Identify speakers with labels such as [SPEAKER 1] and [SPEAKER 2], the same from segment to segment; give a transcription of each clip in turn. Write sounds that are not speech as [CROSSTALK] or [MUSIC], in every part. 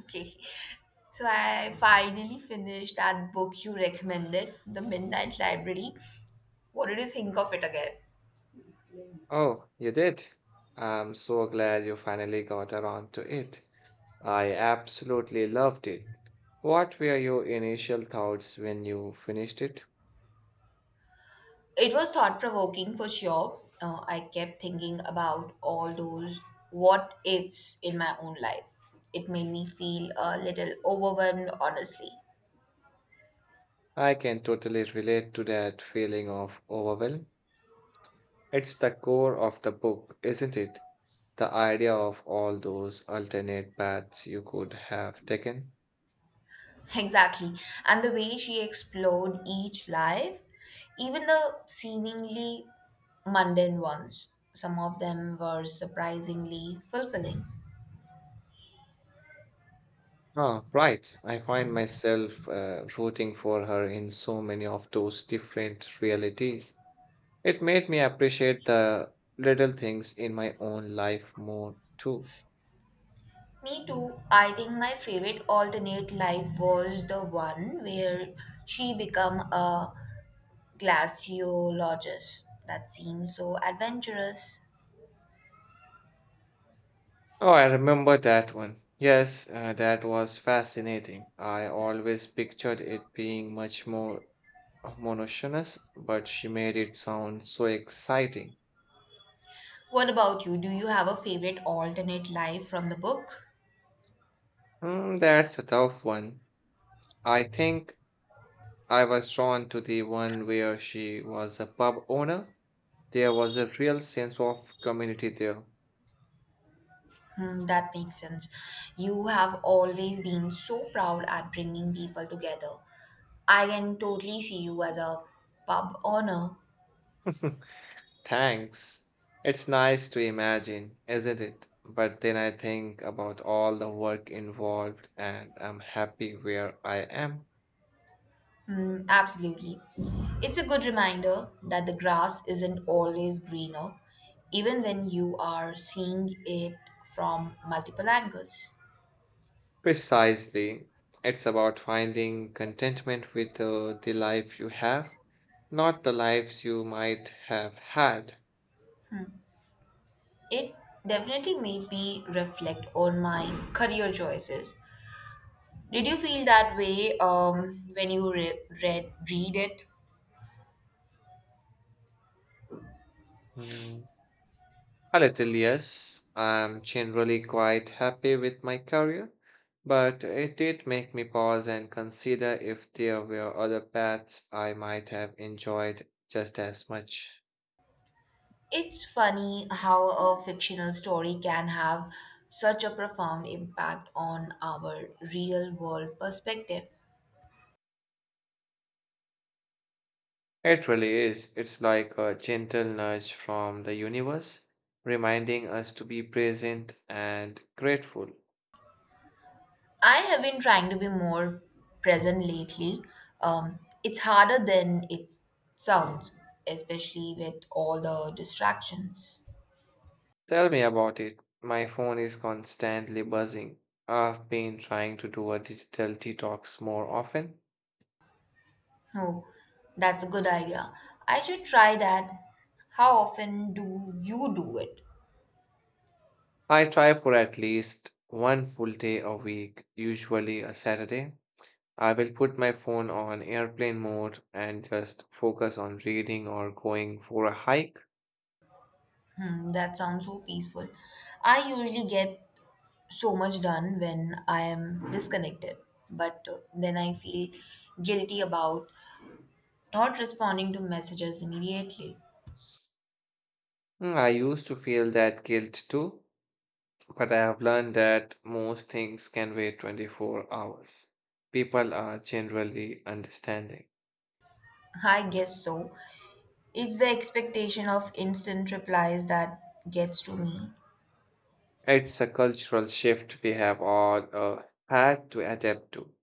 [SPEAKER 1] Okay. So I finally finished that book you recommended, The Midnight Library. What did you think of it again?
[SPEAKER 2] Oh, you did? I'm so glad you finally got around to it. I absolutely loved it. What were your initial thoughts when you finished it?
[SPEAKER 1] It was thought provoking for sure. I kept thinking about all those what ifs in my own life. It made me feel a little overwhelmed, honestly.
[SPEAKER 2] I can totally relate to that feeling of overwhelm. It's the core of the book, isn't it? The idea of all those alternate paths you could have taken.
[SPEAKER 1] Exactly. And the way she explored each life, even the seemingly mundane ones, some of them were surprisingly fulfilling.
[SPEAKER 2] Ah, right. I find myself rooting for her in so many of those different realities. It made me appreciate the little things in my own life more too.
[SPEAKER 1] Me too. I think my favorite alternate life was the one where she became a glaciologist. That seems so adventurous.
[SPEAKER 2] Oh, I remember that one. Yes, that was fascinating. I always pictured it being much more monotonous, but she made it sound so exciting.
[SPEAKER 1] What about you? Do you have a favorite alternate life from the book?
[SPEAKER 2] Hmm, that's a tough one. I think I was drawn to the one where she was a pub owner. There was a real sense of community there.
[SPEAKER 1] Hmm, that makes sense. You have always been so proud at bringing people together. I can totally see you as a pub owner.
[SPEAKER 2] [LAUGHS] Thanks. It's nice to imagine, isn't it? But then I think about all the work involved and I'm happy where I am.
[SPEAKER 1] Mm, absolutely. It's a good reminder that the grass isn't always greener, even when you are seeing it from multiple angles.
[SPEAKER 2] Precisely. It's about finding contentment with the life you have, not the lives you might have had.
[SPEAKER 1] It definitely made me reflect on my career choices. Did you feel that way when you read it?
[SPEAKER 2] Hmm. A little, yes. I'm generally quite happy with my career, but it did make me pause and consider if there were other paths I might have enjoyed just as much.
[SPEAKER 1] It's funny how a fictional story can have such a profound impact on our real world perspective.
[SPEAKER 2] It really is. It's like a gentle nudge from the universe, reminding us to be present and grateful.
[SPEAKER 1] I have been trying to be more present lately. It's harder than it sounds, especially with all the distractions.
[SPEAKER 2] Tell me about it. My phone is constantly buzzing. I've been trying to do a digital detox more often.
[SPEAKER 1] Oh, that's a good idea. I should try that. How often do you do it?
[SPEAKER 2] I try for at least one full day a week, usually a Saturday. I will put my phone on airplane mode and just focus on reading or going for a hike.
[SPEAKER 1] Hmm, that sounds so peaceful. I usually get so much done when I am disconnected, but then I feel guilty about not responding to messages immediately.
[SPEAKER 2] Mm, I used to feel that guilt too, but I have learned that most things can wait 24 hours. People are generally understanding.
[SPEAKER 1] [LAUGHS] I guess so. It's the expectation of instant replies that gets to me.
[SPEAKER 2] It's a cultural shift we have all had to adapt to.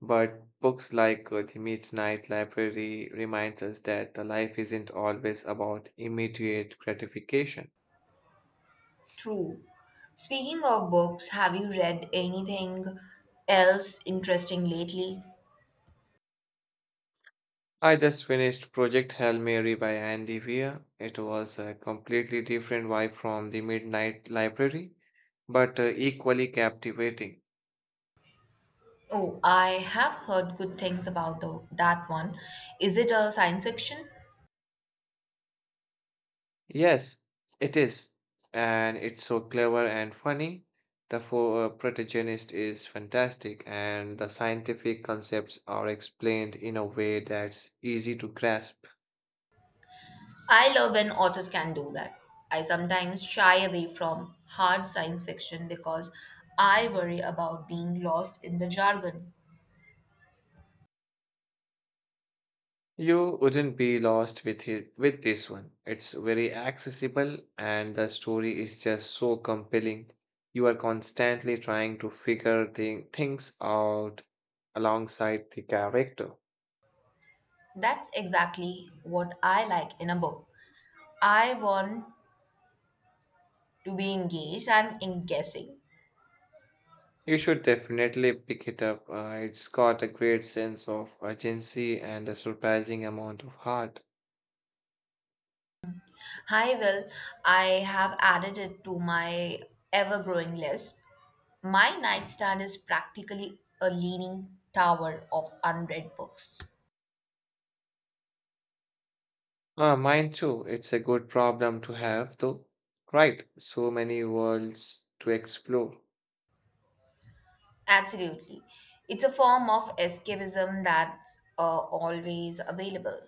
[SPEAKER 2] But books like The Midnight Library reminds us that the life isn't always about immediate gratification.
[SPEAKER 1] True. Speaking of books, have you read anything else interesting lately?
[SPEAKER 2] I just finished Project Hail Mary by Andy Weir. It was a completely different vibe from The Midnight Library, but equally captivating.
[SPEAKER 1] Oh, I have heard good things about that one. Is it a science fiction?
[SPEAKER 2] Yes, it is. And it's so clever and funny. The protagonist is fantastic, and the scientific concepts are explained in a way that's easy to grasp.
[SPEAKER 1] I love when authors can do that. I sometimes shy away from hard science fiction because I worry about being lost in the jargon.
[SPEAKER 2] You wouldn't be lost with it, with this one. It's very accessible, and the story is just so compelling. You are constantly trying to figure things out alongside the character.
[SPEAKER 1] That's exactly what I like in a book. I want to be engaged. I'm in guessing.
[SPEAKER 2] You should definitely pick it up. It's got a great sense of urgency and a surprising amount of heart.
[SPEAKER 1] Hi, Will. I have added it to my ever growing list. My nightstand is practically a leaning tower of unread books.
[SPEAKER 2] Ah, mine too. It's a good problem to have, though. Right, so many worlds to explore.
[SPEAKER 1] Absolutely. It's a form of escapism that's always available.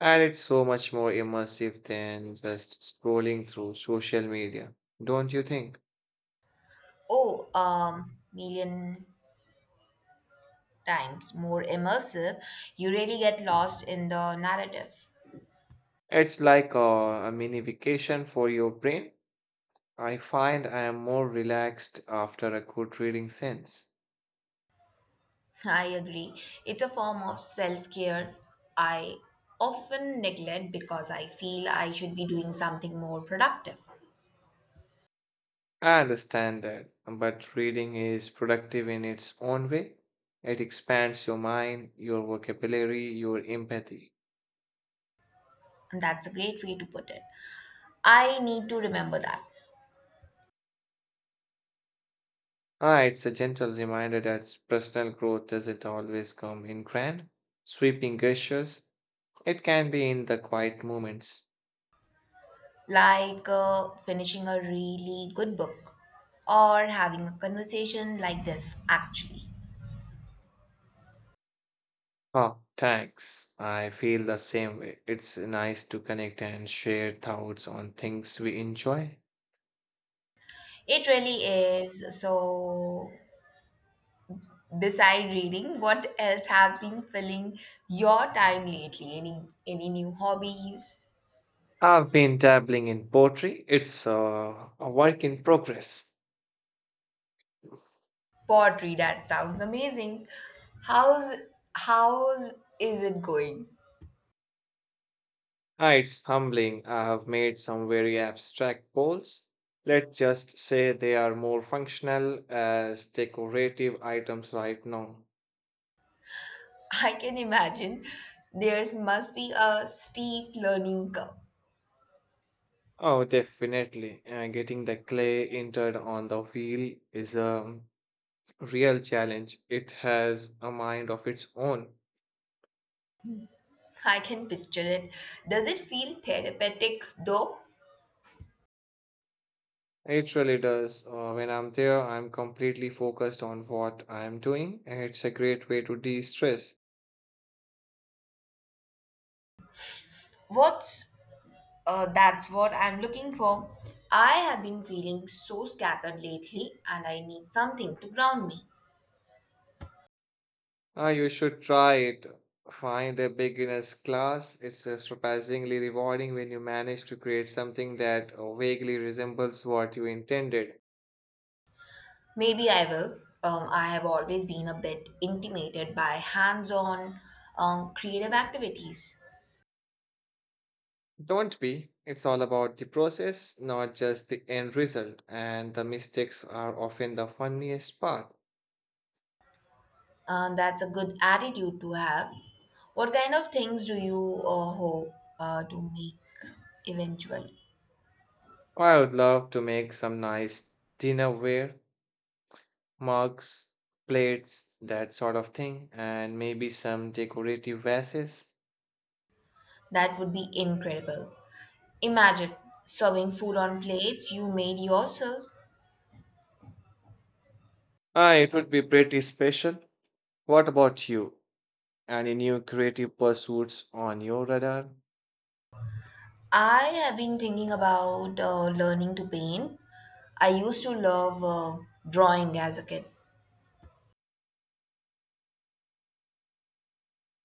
[SPEAKER 2] And it's so much more immersive than just scrolling through social media, don't you think?
[SPEAKER 1] Oh, million times more immersive. You really get lost in the narrative.
[SPEAKER 2] It's like a mini vacation for your brain. I find I am more relaxed after a good reading sense.
[SPEAKER 1] I agree. It's a form of self care I often neglect because I feel I should be doing something more productive.
[SPEAKER 2] I understand that, but reading is productive in its own way. It expands your mind, your vocabulary, your empathy.
[SPEAKER 1] And that's a great way to put it. I need to remember that.
[SPEAKER 2] Ah, it's a gentle reminder that personal growth doesn't always come in grand, sweeping gestures. It can be in the quiet moments.
[SPEAKER 1] Like finishing a really good book or having a conversation like this, actually.
[SPEAKER 2] Oh, thanks. I feel the same way. It's nice to connect and share thoughts on things we enjoy.
[SPEAKER 1] It really is. So, beside reading, what else has been filling your time lately? Any new hobbies?
[SPEAKER 2] I've been dabbling in poetry. It's a work in progress.
[SPEAKER 1] Pottery, that sounds amazing. How's how's is it going?
[SPEAKER 2] Ah, it's humbling. I have made some very abstract goals. Let's just say they are more functional as decorative items right now.
[SPEAKER 1] [LAUGHS] I can imagine there's must be a steep learning curve.
[SPEAKER 2] Oh, definitely. Getting the clay entered on the wheel is a real challenge. It has a mind of its own.
[SPEAKER 1] I can picture it. Does it feel therapeutic though?
[SPEAKER 2] It really does. When I'm there, I'm completely focused on what I'm doing, and it's a great way to de stress.
[SPEAKER 1] What's That's what I'm looking for. I have been feeling so scattered lately and I need something to ground me.
[SPEAKER 2] Ah, you should try it. Find a beginner's class. It's surprisingly rewarding when you manage to create something that vaguely resembles what you intended.
[SPEAKER 1] Maybe I will. I have always been a bit intimidated by hands on creative activities.
[SPEAKER 2] Don't be. It's all about the process, not just the end result, and the mistakes are often the funniest part.
[SPEAKER 1] That's a good attitude to have. What kind of things do you hope to make eventually?
[SPEAKER 2] I would love to make some nice dinnerware, mugs, plates, that sort of thing, and maybe some decorative vases.
[SPEAKER 1] That would be incredible. Imagine serving food on plates you made yourself.
[SPEAKER 2] Ah, it would be pretty special. What about you? Any new creative pursuits on your radar?
[SPEAKER 1] I have been thinking about learning to paint. I used to love drawing as a kid.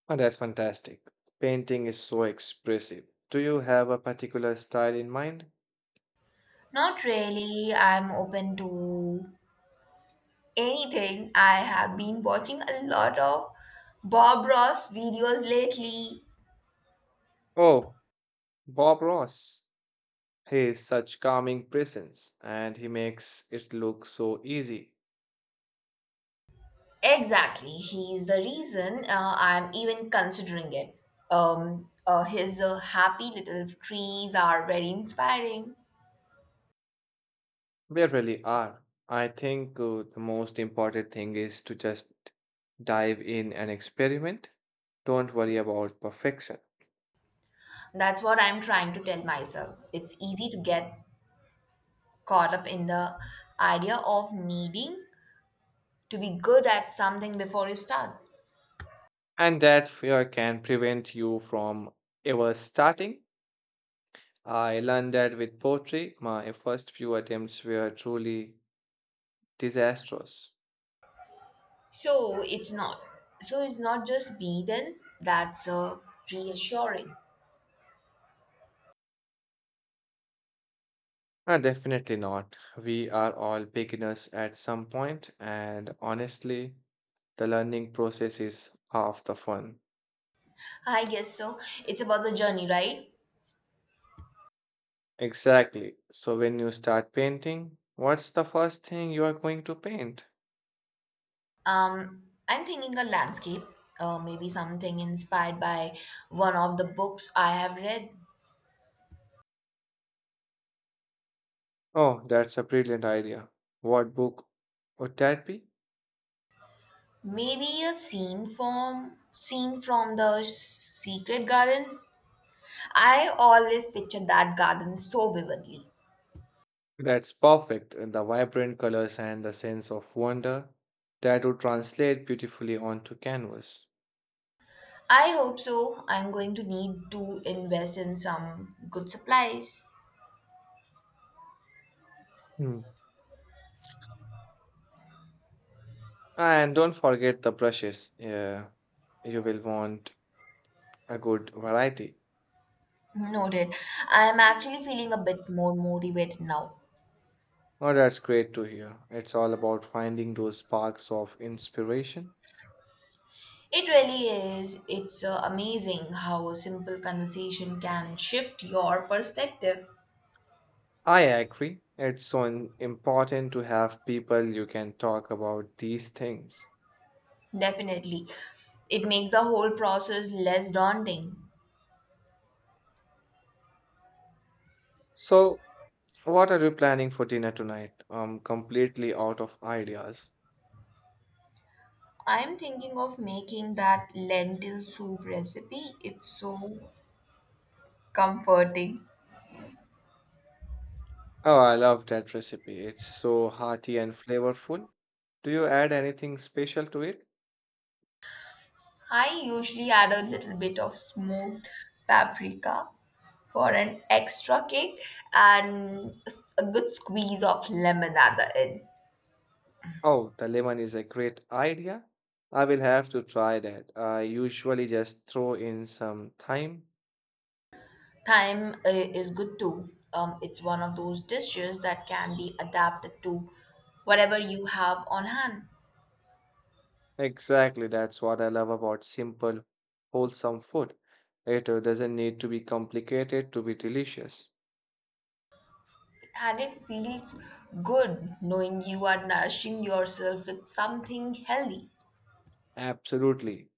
[SPEAKER 2] Oh, that's fantastic. Painting is so expressive. Do you have a particular style in mind?
[SPEAKER 1] Not really. I'm open to anything. I have been watching a lot of Bob Ross videos lately.
[SPEAKER 2] Oh, Bob Ross. He is such calming presence and he makes it look so easy.
[SPEAKER 1] Exactly. He's the reason I'm even considering it. His happy little trees are very inspiring.
[SPEAKER 2] They really are. I think the most important thing is to just dive in and experiment. Don't worry about perfection.
[SPEAKER 1] That's what I'm trying to tell myself. It's easy to get caught up in the idea of needing to be good at something before you start.
[SPEAKER 2] And that fear can prevent you from ever starting. I learned that with poetry, my first few attempts were truly disastrous.
[SPEAKER 1] So it's not. So it's not just be then. That's reassuring.
[SPEAKER 2] Definitely not. We are all beginners at some point, and honestly, the learning process is half the fun.
[SPEAKER 1] I guess so. It's about the journey, right?
[SPEAKER 2] Exactly. So, when you start painting, what's the first thing you are going to paint?
[SPEAKER 1] Um, I'm thinking a landscape, maybe something inspired by one of the books I have read.
[SPEAKER 2] Oh, that's a brilliant idea. What book would that be?
[SPEAKER 1] Maybe a scene from the Secret Garden. I always picture that garden so vividly.
[SPEAKER 2] That's perfect. And the vibrant colors and the sense of wonder that would translate beautifully onto canvas.
[SPEAKER 1] I hope so. I'm going to need to invest in some good supplies.
[SPEAKER 2] Hmm. And don't forget the brushes. Yeah, you will want a good variety.
[SPEAKER 1] Noted. I'm actually feeling a bit more motivated now.
[SPEAKER 2] Oh, that's great to hear. It's all about finding those sparks of inspiration.
[SPEAKER 1] It really is. It's amazing how a simple conversation can shift your perspective.
[SPEAKER 2] I agree. It's so important to have people you can talk about these things.
[SPEAKER 1] Definitely. It makes the whole process less daunting.
[SPEAKER 2] So, what are you planning for dinner tonight? I'm completely out of ideas.
[SPEAKER 1] I'm thinking of making that lentil soup recipe. It's so comforting.
[SPEAKER 2] Oh, I love that recipe. It's so hearty and flavorful. Do you add anything special to it?
[SPEAKER 1] I usually add a little bit of smoked paprika for an extra kick and a good squeeze of lemon at the end.
[SPEAKER 2] Oh, the lemon is a great idea. I will have to try that. I usually just throw in some thyme.
[SPEAKER 1] Thyme is good too. It's one of those dishes that can be adapted to whatever you have on hand.
[SPEAKER 2] Exactly, that's what I love about simple, wholesome food. It doesn't need to be complicated to be delicious.
[SPEAKER 1] And it feels good knowing you are nourishing yourself with something healthy.
[SPEAKER 2] Absolutely.